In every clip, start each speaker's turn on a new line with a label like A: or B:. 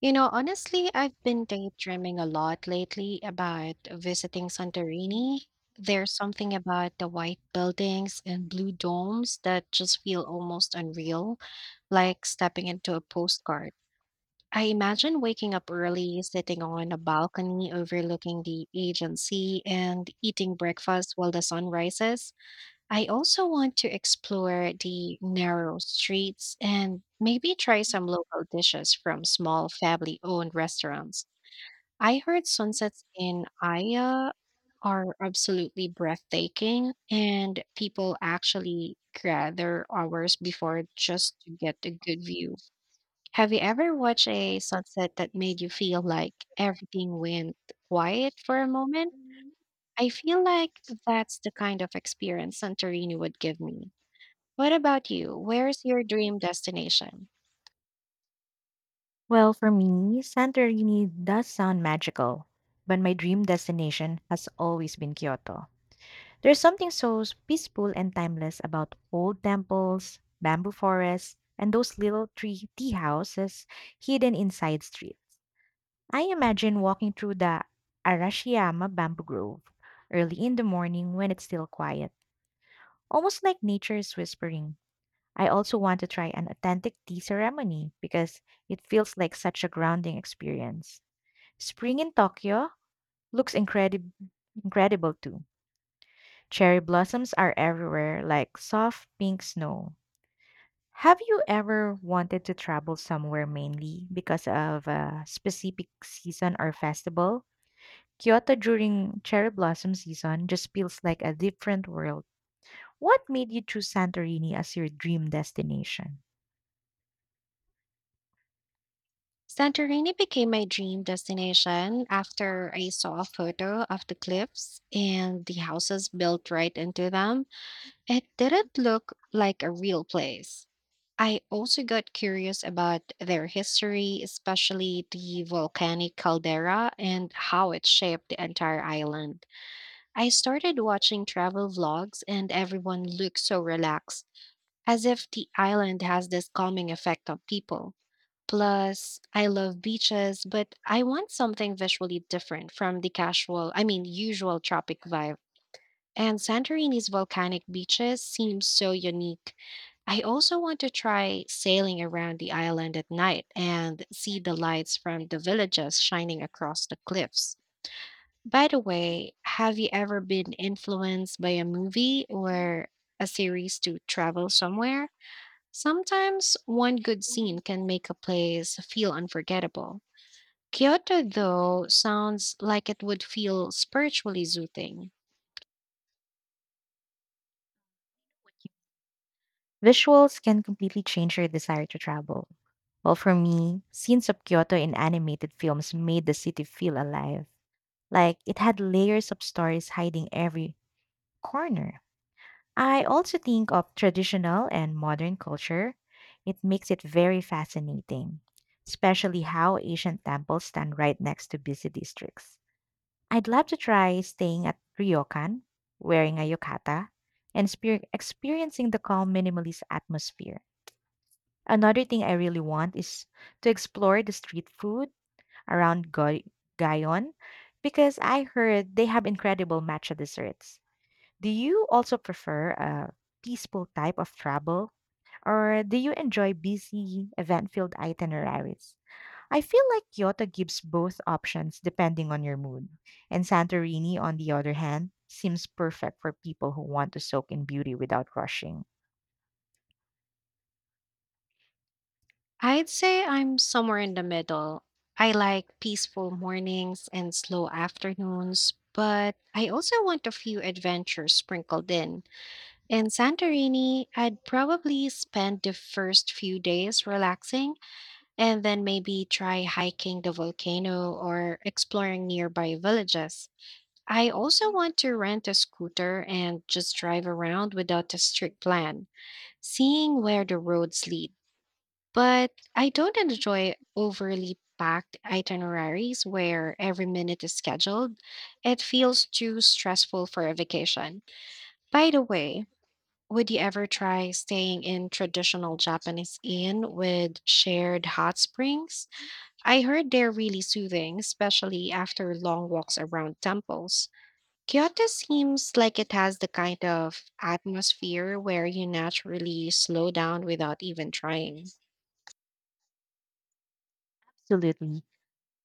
A: You know, honestly, I've been daydreaming a lot lately about visiting Santorini. There's something about the white buildings and blue domes that just feel almost unreal, like stepping into a postcard. I imagine waking up early, sitting on a balcony overlooking the Aegean Sea, and eating breakfast while the sun rises. I also want to explore the narrow streets and maybe try some local dishes from small family owned restaurants. I heard sunsets in Aya are absolutely breathtaking, and people actually gather hours before just to get a good view. Have you ever watched a sunset that made you feel like everything went quiet for a moment? I feel like that's the kind of experience Santorini would give me. What about you? Where's your dream destination?
B: Well, for me, Santorini does sound magical, but my dream destination has always been Kyoto. There's something so peaceful and timeless about old temples, bamboo forests, and those little tree tea houses hidden inside streets. I imagine walking through the Arashiyama bamboo grove early in the morning when it's still quiet, almost like nature is whispering. I also want to try an authentic tea ceremony because it feels like such a grounding experience. Spring in Tokyo looks incredible too. Cherry blossoms are everywhere, like soft pink snow. Have you ever wanted to travel somewhere mainly because of a specific season or festival? Kyoto during cherry blossom season just feels like a different world. What made you choose Santorini as your dream destination?
A: Santorini became my dream destination after I saw a photo of the cliffs and the houses built right into them. It didn't look like a real place. I also got curious about their history, especially the volcanic caldera and how it shaped the entire island. I started watching travel vlogs, and everyone looked so relaxed as if the island has this calming effect on people. Plus, I love beaches, but I want something visually different from the casual, I mean, usual tropic vibe. And Santorini's volcanic beaches seem so unique. I also want to try sailing around the island at night and see the lights from the villages shining across the cliffs. By the way, have you ever been influenced by a movie or a series to travel somewhere? Sometimes one good scene can make a place feel unforgettable. Kyoto, though, sounds like it would feel spiritually soothing.
B: Visuals can completely change your desire to travel. Well, for me, scenes of Kyoto in animated films made the city feel alive. Like it had layers of stories hiding every corner. I also think of traditional and modern culture. It makes it very fascinating, especially how Asian temples stand right next to busy districts. I'd love to try staying at Ryokan, wearing a yukata, and experiencing the calm minimalist atmosphere. Another thing I really want is to explore the street food around Gayon because I heard they have incredible matcha desserts. Do you also prefer a peaceful type of travel or do you enjoy busy, event filled itineraries? I feel like Kyoto gives both options depending on your mood, and Santorini, on the other hand, seems perfect for people who want to soak in beauty without rushing.
A: I'd say I'm somewhere in the middle. I like peaceful mornings and slow afternoons, but I also want a few adventures sprinkled in. In Santorini, I'd probably spend the first few days relaxing and then maybe try hiking the volcano or exploring nearby villages. I also want to rent a scooter and just drive around without a strict plan, seeing where the roads lead. But I don't enjoy overly packed itineraries where every minute is scheduled. It feels too stressful for a vacation. By the way, would you ever try staying in traditional Japanese inn with shared hot springs? I heard they're really soothing, especially after long walks around temples. Kyoto seems like it has the kind of atmosphere where you naturally slow down without even trying.
B: Absolutely.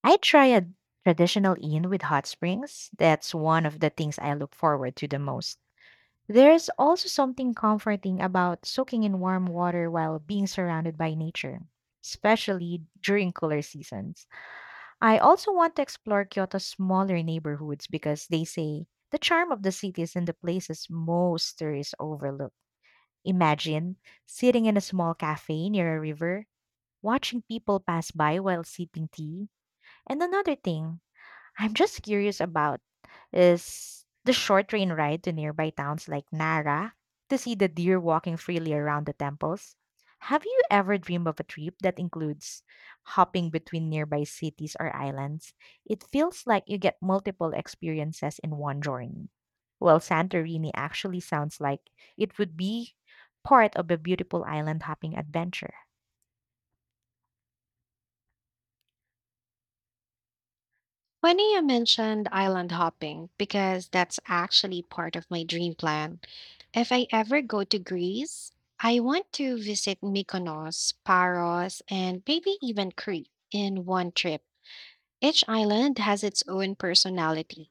B: I try a traditional inn with hot springs. That's one of the things I look forward to the most. There's also something comforting about soaking in warm water while being surrounded by nature, especially during cooler seasons. I also want to explore Kyoto's smaller neighborhoods because they say the charm of the city is in the places most tourists overlook. Imagine sitting in a small cafe near a river, watching people pass by while sipping tea. And another thing, I'm just curious about is the short train ride to nearby towns like Nara to see the deer walking freely around the temples. Have you ever dreamed of a trip that includes hopping between nearby cities or islands? It feels like you get multiple experiences in one journey. Well, Santorini actually sounds like it would be part of a beautiful island hopping adventure.
A: Funny you mentioned island hopping because that's actually part of my dream plan. If I ever go to Greece, I want to visit Mykonos, Paros, and maybe even Crete in one trip. Each island has its own personality.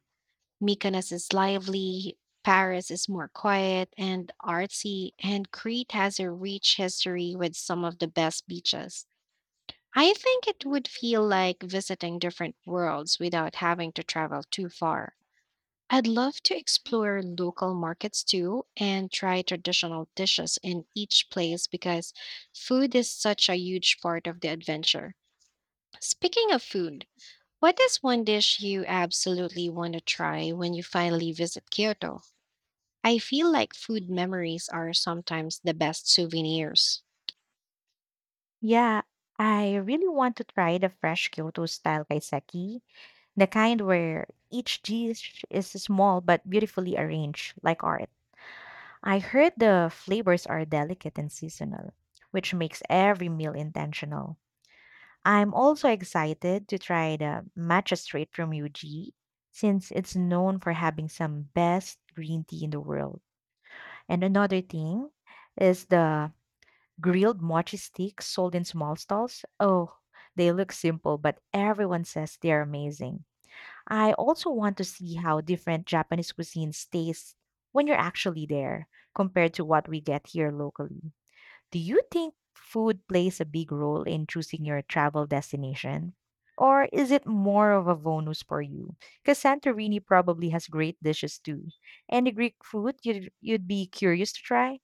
A: Mykonos is lively, Paris is more quiet and artsy, and Crete has a rich history with some of the best beaches. I think it would feel like visiting different worlds without having to travel too far. I'd love to explore local markets too and try traditional dishes in each place because food is such a huge part of the adventure. Speaking of food, what is one dish you absolutely want to try when you finally visit Kyoto? I feel like food memories are sometimes the best souvenirs.
B: Yeah, I really want to try the fresh Kyoto style kaiseki, the kind where each dish is small but beautifully arranged, like art. I heard the flavors are delicate and seasonal, which makes every meal intentional. I'm also excited to try the matcha straight from Yuji, since it's known for having some best green tea in the world. And another thing is the grilled mochi sticks sold in small stalls. Oh, they look simple, but everyone says they're amazing. I also want to see how different Japanese cuisines taste when you're actually there compared to what we get here locally. Do you think food plays a big role in choosing your travel destination? Or is it more of a bonus for you? Because Santorini probably has great dishes too. Any Greek food you'd be curious to try?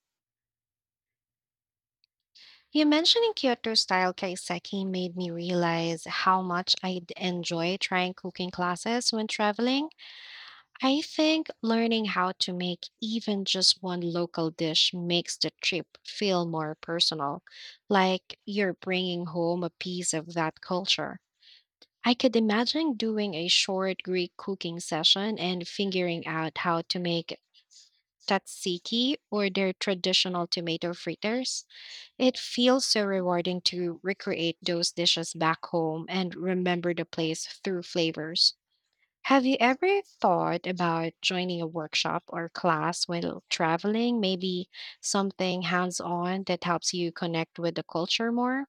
A: You mentioning Kyoto style kaiseki made me realize how much I'd enjoy trying cooking classes when traveling. I think learning how to make even just one local dish makes the trip feel more personal, like you're bringing home a piece of that culture. I could imagine doing a short Greek cooking session and figuring out how to make tzatziki or their traditional tomato fritters. It feels so rewarding to recreate those dishes back home and remember the place through flavors. Have you ever thought about joining a workshop or class while traveling? Maybe something hands on that helps you connect with the culture more?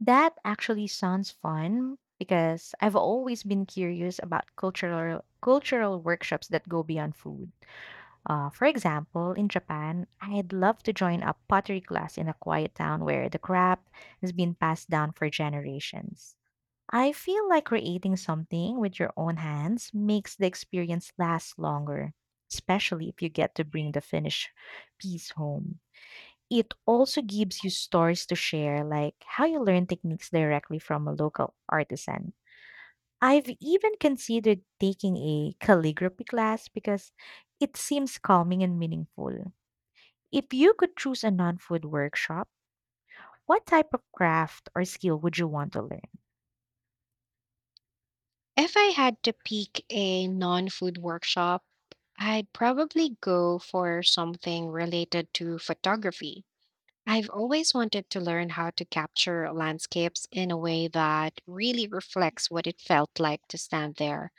B: That actually sounds fun because I've always been curious about cultural workshops that go beyond food. For example, in Japan, I'd love to join a pottery class in a quiet town where the craft has been passed down for generations. I feel like creating something with your own hands makes the experience last longer, especially if you get to bring the finished piece home. It also gives you stories to share, like how you learn techniques directly from a local artisan. I've even considered taking a calligraphy class because it seems calming and meaningful. If you could choose a non food workshop, what type of craft or skill would you want to learn?
A: If I had to pick a non food workshop, I'd probably go for something related to photography. I've always wanted to learn how to capture landscapes in a way that really reflects what it felt like to stand there.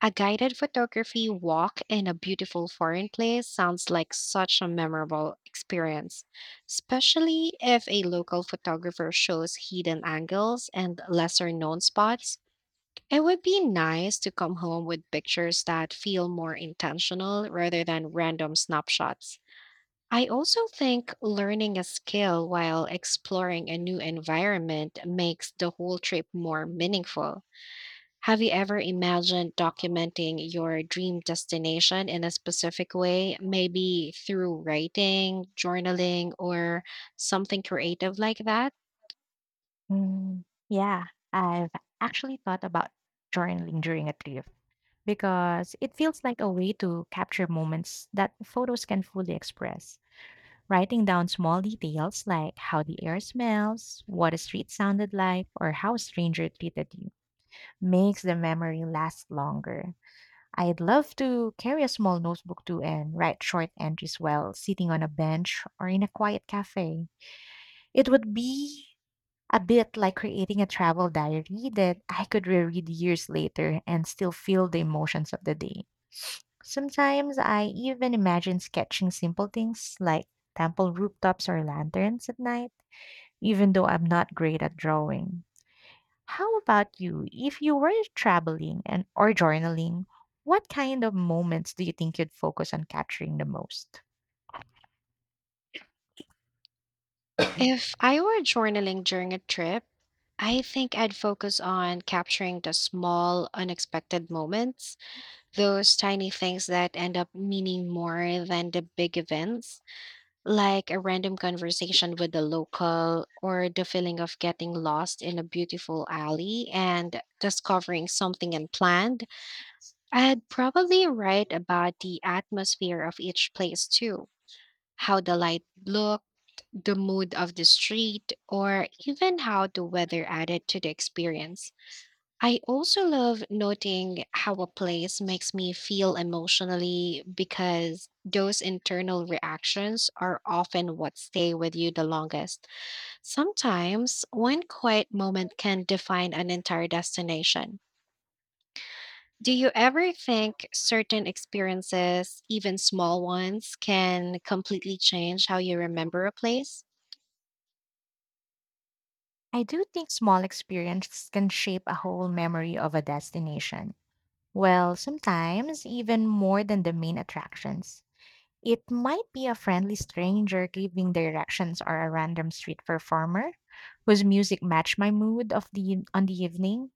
A: A guided photography walk in a beautiful foreign place sounds like such a memorable experience, especially if a local photographer shows hidden angles and lesser known spots. It would be nice to come home with pictures that feel more intentional rather than random snapshots. I also think learning a skill while exploring a new environment makes the whole trip more meaningful. Have you ever imagined documenting your dream destination in a specific way, maybe through writing, journaling, or something creative like that?
B: Mm, yeah, I've actually thought about journaling during a trip because it feels like a way to capture moments that photos can fully express. Writing down small details like how the air smells, what a street sounded like, or how a stranger treated you makes the memory last longer. I'd love to carry a small notebook too and write short entries while sitting on a bench or in a quiet cafe. It would be a bit like creating a travel diary that I could reread years later and still feel the emotions of the day. Sometimes I even imagine sketching simple things like temple rooftops or lanterns at night even though I'm not great at drawing. How about you? If you were traveling and or journaling, what kind of moments do you think you'd focus on capturing the most?
A: If I were journaling during a trip, I think I'd focus on capturing the small, unexpected moments. Those tiny things that end up meaning more than the big events, like a random conversation with a local or the feeling of getting lost in a beautiful alley and discovering something unplanned. I'd probably write about the atmosphere of each place too, how the light looked, the mood of the street, or even how the weather added to the experience. I also love noting how a place makes me feel emotionally because those internal reactions are often what stay with you the longest. Sometimes one quiet moment can define an entire destination. Do you ever think certain experiences, even small ones, can completely change how you remember a place?
B: I do think small experiences can shape a whole memory of a destination. Well, sometimes even more than the main attractions. It might be a friendly stranger giving directions or a random street performer whose music matched my mood of the on the evening.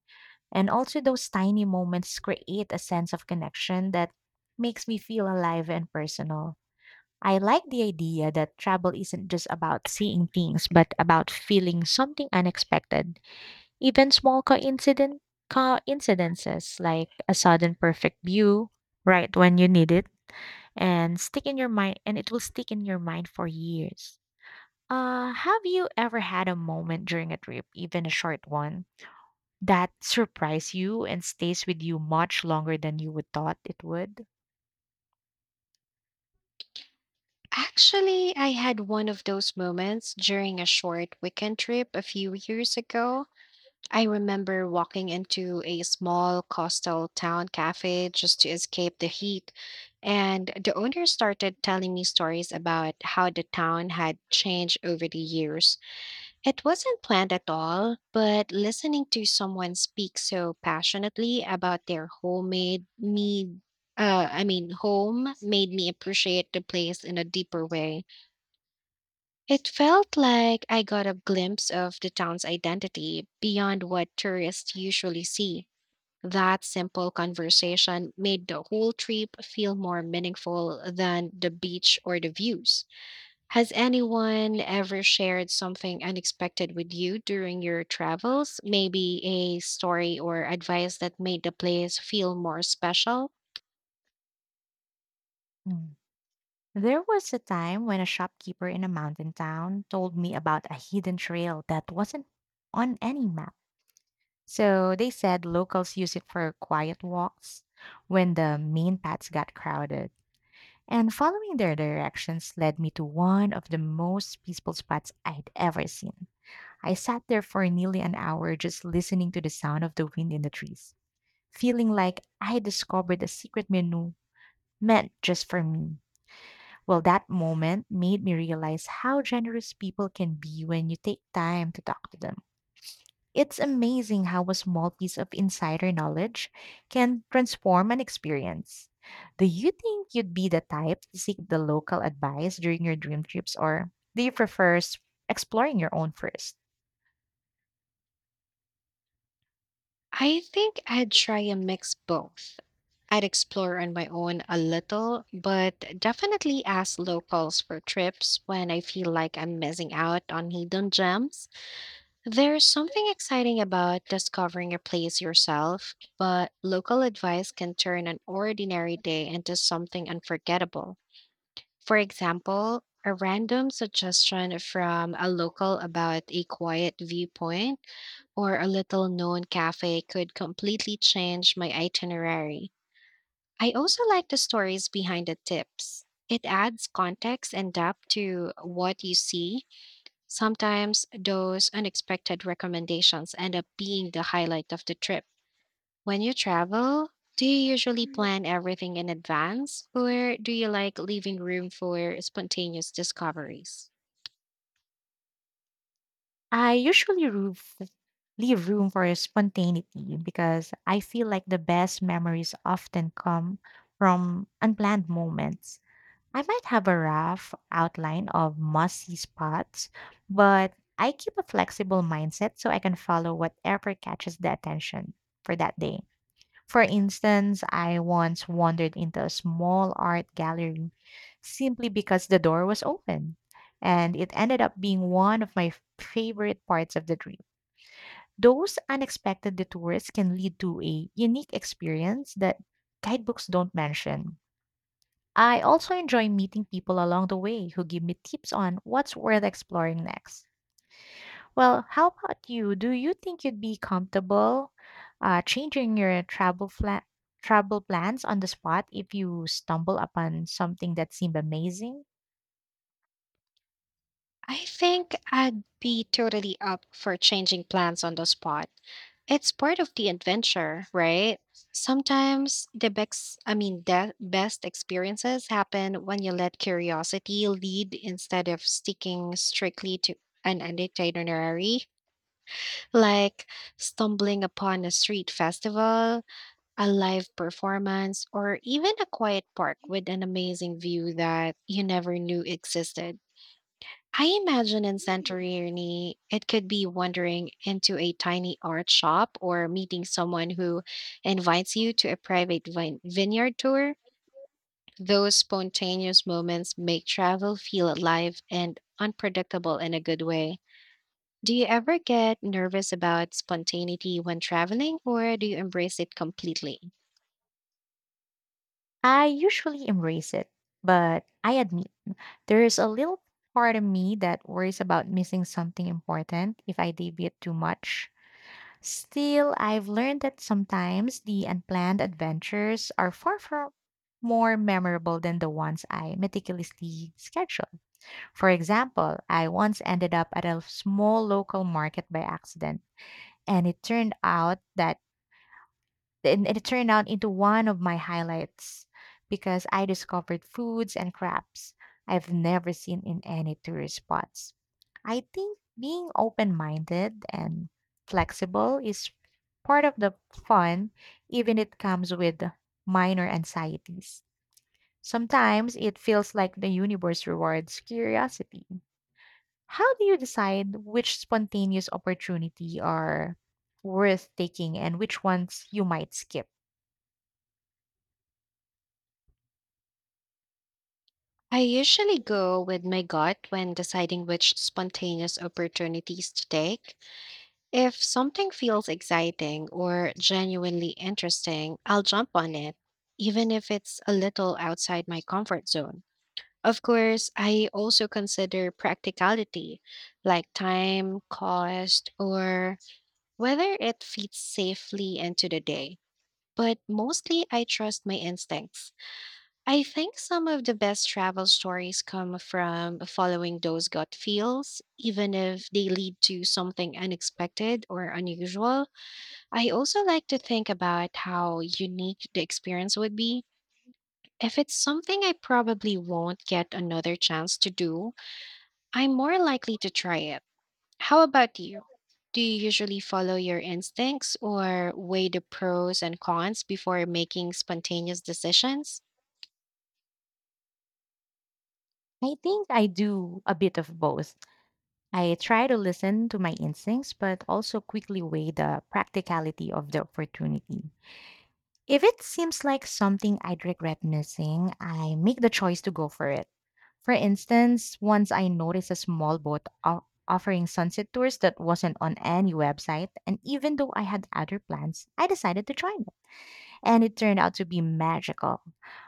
B: And also, those tiny moments create a sense of connection that makes me feel alive and personal. I like the idea that travel isn't just about seeing things, but about feeling something unexpected. Even coincidences like a sudden perfect view right when you need it and it will stick in your mind for years. Have you ever had a moment during a trip, even a short one, that surprised you and stays with you much longer than you would thought it would?
A: Actually, I had one of those moments during a short weekend trip a few years ago. I remember walking into a small coastal town cafe just to escape the heat, and the owner started telling me stories about how the town had changed over the years. It wasn't planned at all, but listening to someone speak so passionately about their home made me appreciate the place in a deeper way. It felt like I got a glimpse of the town's identity beyond what tourists usually see. That simple conversation made the whole trip feel more meaningful than the beach or the views. Has anyone ever shared something unexpected with you during your travels? Maybe a story or advice that made the place feel more special?
B: Mm. There was a time when a shopkeeper in a mountain town told me about a hidden trail that wasn't on any map. So they said locals use it for quiet walks when the main paths got crowded. And following their directions led me to one of the most peaceful spots I'd ever seen. I sat there for nearly an hour just listening to the sound of the wind in the trees feeling like I discovered a secret menu meant just for me. Well, that moment made me realize how generous people can be when you take time to talk to them. It's amazing how a small piece of insider knowledge can transform an experience. Do you think you'd be the type to seek the local advice during your dream trips, or do you prefer exploring your own first?
A: I think I'd try a mix both. I'd explore on my own a little, but definitely ask locals for trips when I feel like I'm missing out on hidden gems. There's something exciting about discovering a place yourself, but local advice can turn an ordinary day into something unforgettable. For example, a random suggestion from a local about a quiet viewpoint or a little known cafe could completely change my itinerary. I also like the stories behind the tips. It adds context and depth to what you see. Sometimes those unexpected recommendations end up being the highlight of the trip. When you travel, do you usually plan everything in advance or do you like leaving room for spontaneous discoveries?
B: I usually roof leave room for spontaneity because I feel like the best memories often come from unplanned moments. I might have a rough outline of must see spots, but I keep a flexible mindset so I can follow whatever catches the attention for that day. For instance, I once wandered into a small art gallery simply because the door was open, and it ended up being one of my favorite parts of the trip. Those unexpected detours can lead to a unique experience that guidebooks don't mention. I also enjoy meeting people along the way who give me tips on what's worth exploring next. Well, how about you? Do you think you'd be comfortable changing your travel plans on the spot if you stumble upon something that seemed amazing?
A: I think I'd be totally up for changing plans on the spot. It's part of the adventure, right? Sometimes the best experiences happen when you let curiosity lead instead of sticking strictly to an itinerary, like stumbling upon a street festival, a live performance, or even a quiet park with an amazing view that you never knew existed. I imagine in Santorini, it could be wandering into a tiny art shop or meeting someone who invites you to a private vineyard tour. Those spontaneous moments make travel feel alive and unpredictable in a good way. Do you ever get nervous about spontaneity when traveling, or do you embrace it completely?
B: I usually embrace it, but I admit there is a little part of me that worries about missing something important if I deviate too much. Still, I've learned that sometimes the unplanned adventures are far from more memorable than the ones I meticulously schedule. For example, I once ended up at a small local market by accident, and it turned out that and it turned out into one of my highlights because I discovered foods and crafts I've never seen in any tourist spots. I think being open minded and flexible is part of the fun, even it comes with minor anxieties. Sometimes it feels like the universe rewards curiosity. How do you decide which spontaneous opportunity are worth taking and which ones you might skip?
A: I usually go with my gut when deciding which spontaneous opportunities to take. If something feels exciting or genuinely interesting, I'll jump on it, even if it's a little outside my comfort zone. Of course, I also consider practicality, like time, cost, or whether it fits safely into the day. But mostly, I trust my instincts. I think some of the best travel stories come from following those gut feels, even if they lead to something unexpected or unusual. I also like to think about how unique the experience would be. If it's something I probably won't get another chance to do, I'm more likely to try it. How about you? Do you usually follow your instincts or weigh the pros and cons before making spontaneous decisions?
B: I think I do a bit of both. I try to listen to my instincts, but also quickly weigh the practicality of the opportunity. If it seems like something I'd regret missing, I make the choice to go for it. For instance, once I noticed a small offering sunset tours that wasn't on any website, and even though I had other plans, I decided to join and it turned out to be magical.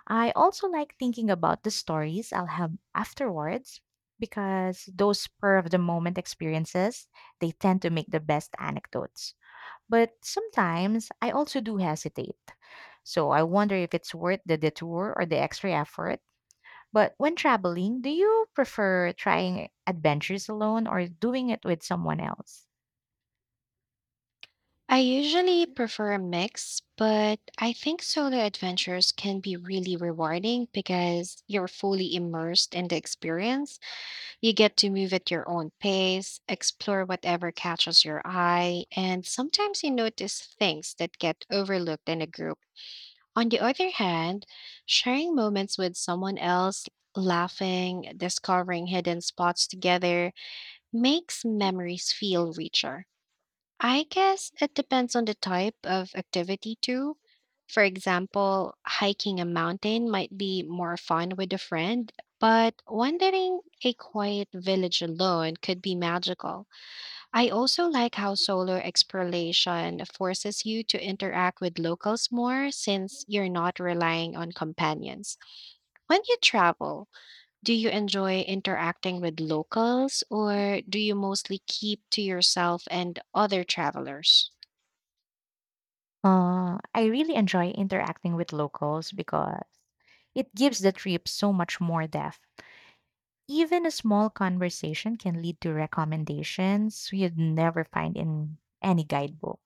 B: I also like thinking about the stories I'll have afterwards because those spur of the moment experiences, they tend to make the best anecdotes. But sometimes I also do hesitate. So I wonder if it's worth the detour or the extra effort. But when traveling, do you prefer trying adventures alone or doing it with someone else?
A: I usually prefer a mix, but I think solo adventures can be really rewarding because you're fully immersed in the experience. You get to move at your own pace, explore whatever catches your eye, and sometimes you notice things that get overlooked in a group. On the other hand, sharing moments with someone else, laughing, discovering hidden spots together, makes memories feel richer. I guess it depends on the type of activity too. For example, hiking a mountain might be more fun with a friend, but wandering a quiet village alone could be magical. I also like how solar exploration forces you to interact with locals more since you're not relying on companions. When you travel, do you enjoy interacting with locals or do you mostly keep to yourself and other travelers?
B: I really enjoy interacting with locals because it gives the trip so much more depth. Even a small conversation can lead to recommendations you'd never find in any guidebook.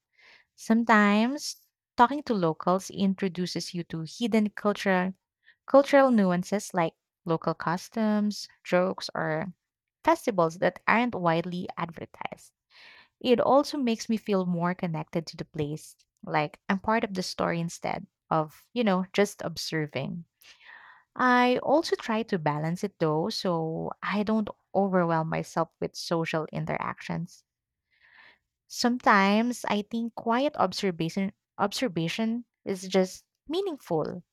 B: Sometimes talking to locals introduces you to hidden cultural nuances like local customs, jokes, or festivals that aren't widely advertised. It also makes me feel more connected to the place, like I'm part of the story instead of, you know, just observing. I also try to balance it though, so I don't overwhelm myself with social interactions. Sometimes I think quiet observation is just meaningful.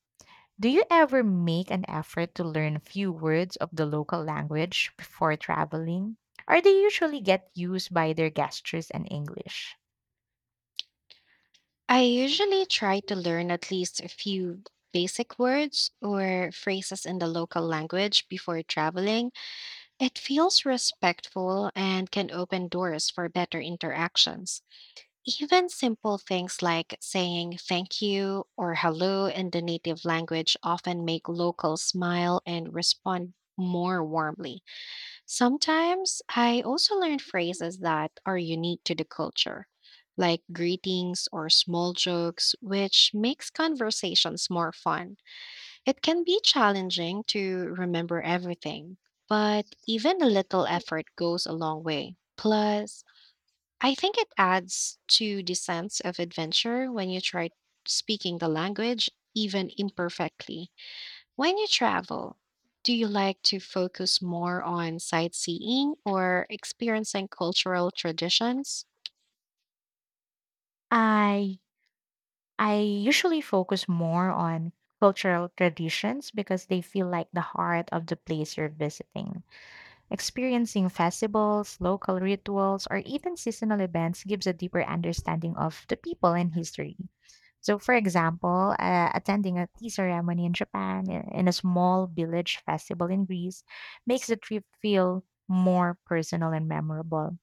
B: Do you ever make an effort to learn a few words of the local language before traveling? Or they usually get used by their gestures and English?
A: I usually try to learn at least a few basic words or phrases in the local language before traveling. It feels respectful and can open doors for better interactions. Even simple things like saying thank you or hello in the native language often make locals smile and respond more warmly. Sometimes I also learn phrases that are unique to the culture, like greetings or small jokes, which makes conversations more fun. It can be challenging to remember everything, but even a little effort goes a long way. Plus, I think it adds to the sense of adventure when you try speaking the language, even imperfectly. When you travel, do you like to focus more on sightseeing or experiencing cultural traditions?
B: I I usually focus more on cultural traditions because they feel like the heart of the place you're visiting. Experiencing festivals, local rituals, or even seasonal events gives a deeper understanding of the people and history. So, for example, attending a tea ceremony in Japan in a small village festival in Greece makes the trip feel more personal and memorable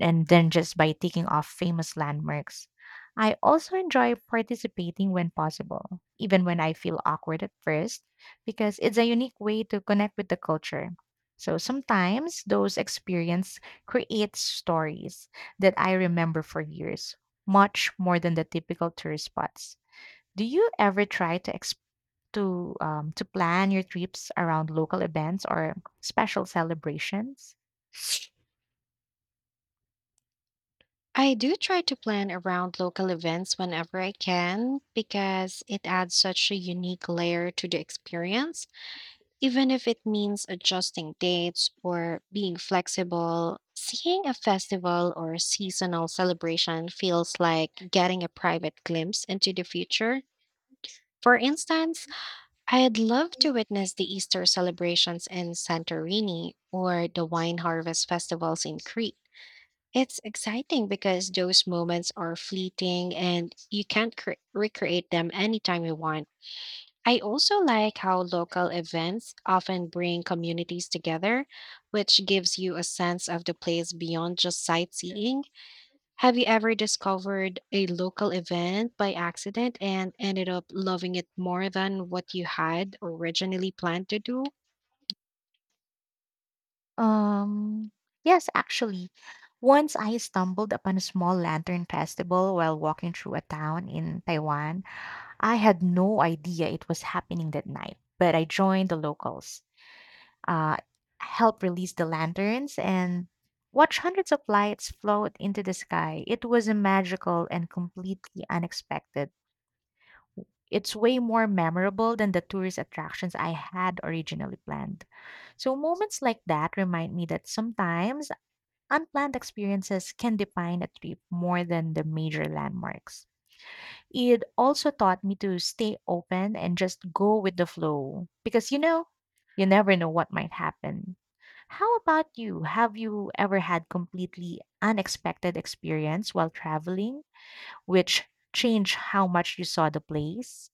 B: and than just by ticking off famous landmarks. I also enjoy participating when possible, even when I feel awkward at first, because it's a unique way to connect with the culture. So sometimes those experiences create stories that I remember for years, much more than the typical tourist spots. Do you ever try to to plan your trips around local events or special celebrations?
A: I do try to plan around local events whenever I can because it adds such a unique layer to the experience. Even if it means adjusting dates or being flexible, seeing a festival or seasonal celebration feels like getting a private glimpse into the future. For instance, I'd love to witness the Easter celebrations in Santorini or the wine harvest festivals in Crete. It's exciting because those moments are fleeting and you can't recreate them anytime you want. I also like how local events often bring communities together, which gives you a sense of the place beyond just sightseeing. Have you ever discovered a local event by accident and ended up loving it more than what you had originally planned to do?
B: Um, yes, actually. Once I stumbled upon a small lantern festival while walking through a town in Taiwan. I had no idea it was happening that night, but I joined the locals, uh, helped release the lanterns, and watch hundreds of lights float into the sky. It was a magical and completely unexpected. It's way more memorable than the tourist attractions I had originally planned. So moments like that remind me that sometimes unplanned experiences can define a trip more than the major landmarks. It also taught me to stay open and just go with the flow because you know, you never know what might happen. How about you? Have you ever had completely unexpected experience while traveling which changed how much you saw the place?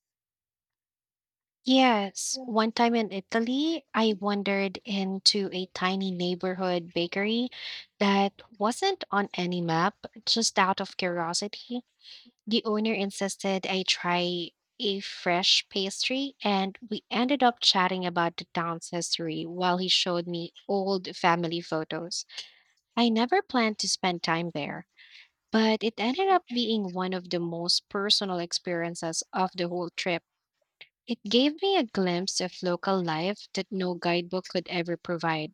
A: Yes. One time in Italy, I wandered into a tiny neighborhood bakery that wasn't on any map, just out of curiosity. The owner insisted I try a fresh pastry, and we ended up chatting about the town's history while he showed me old family photos. I never planned to spend time there, but it ended up being one of the most personal experiences of the whole trip. It gave me a glimpse of local life that no guidebook could ever provide.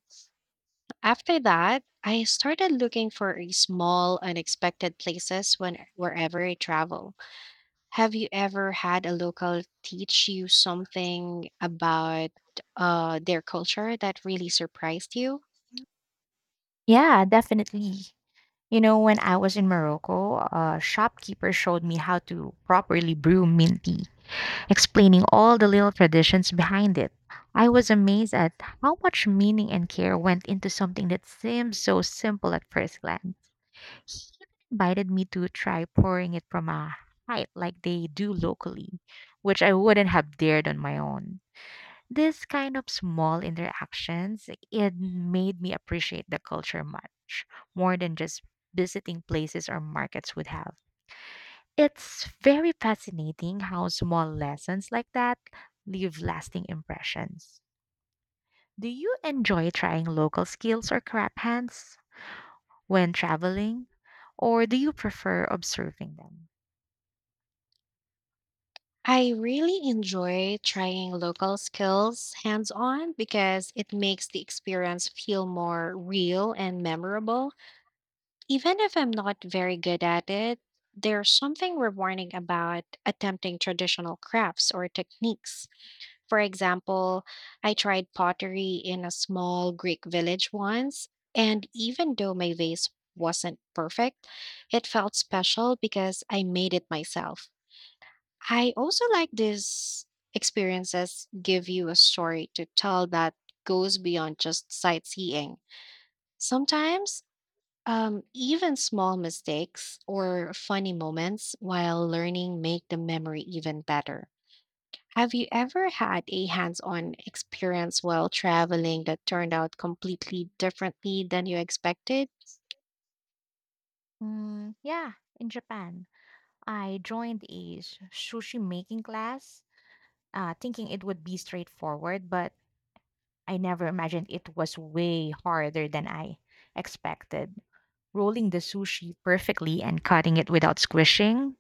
A: After that, I started looking for a small, unexpected places when wherever I travel. Have you ever had a local teach you something about their culture that really surprised you?
B: Yeah, definitely. You know, when I was in Morocco, a shopkeeper showed me how to properly brew mint tea explaining all the little traditions behind it. I was amazed at how much meaning and care went into something that seemed so simple at first glance. He invited me to try pouring it from a height like they do locally, which I wouldn't have dared on my own. This kind of small interactions, it made me appreciate the culture much more than just visiting places or markets would have. It's very fascinating how small lessons like that leave lasting impressions. Do you enjoy trying local skills or crap hands when traveling, or do you prefer observing them?
A: I really enjoy trying local skills hands on because it makes the experience feel more real and memorable. Even if I'm not very good at it, there's something rewarding about attempting traditional crafts or techniques. For example, I tried pottery in a small Greek village once, and even though my vase wasn't perfect, it felt special because I made it myself. I also like these experiences give you a story to tell that goes beyond just sightseeing. Sometimes, even small mistakes or funny moments while learning make the memory even better. Have you ever had a hands on experience while traveling that turned out completely differently than you expected?
B: Yeah, in Japan, I joined a sushi making class, thinking it would be straightforward, but I never imagined it was way harder than I expected. Rolling the sushi perfectly and cutting it without squishing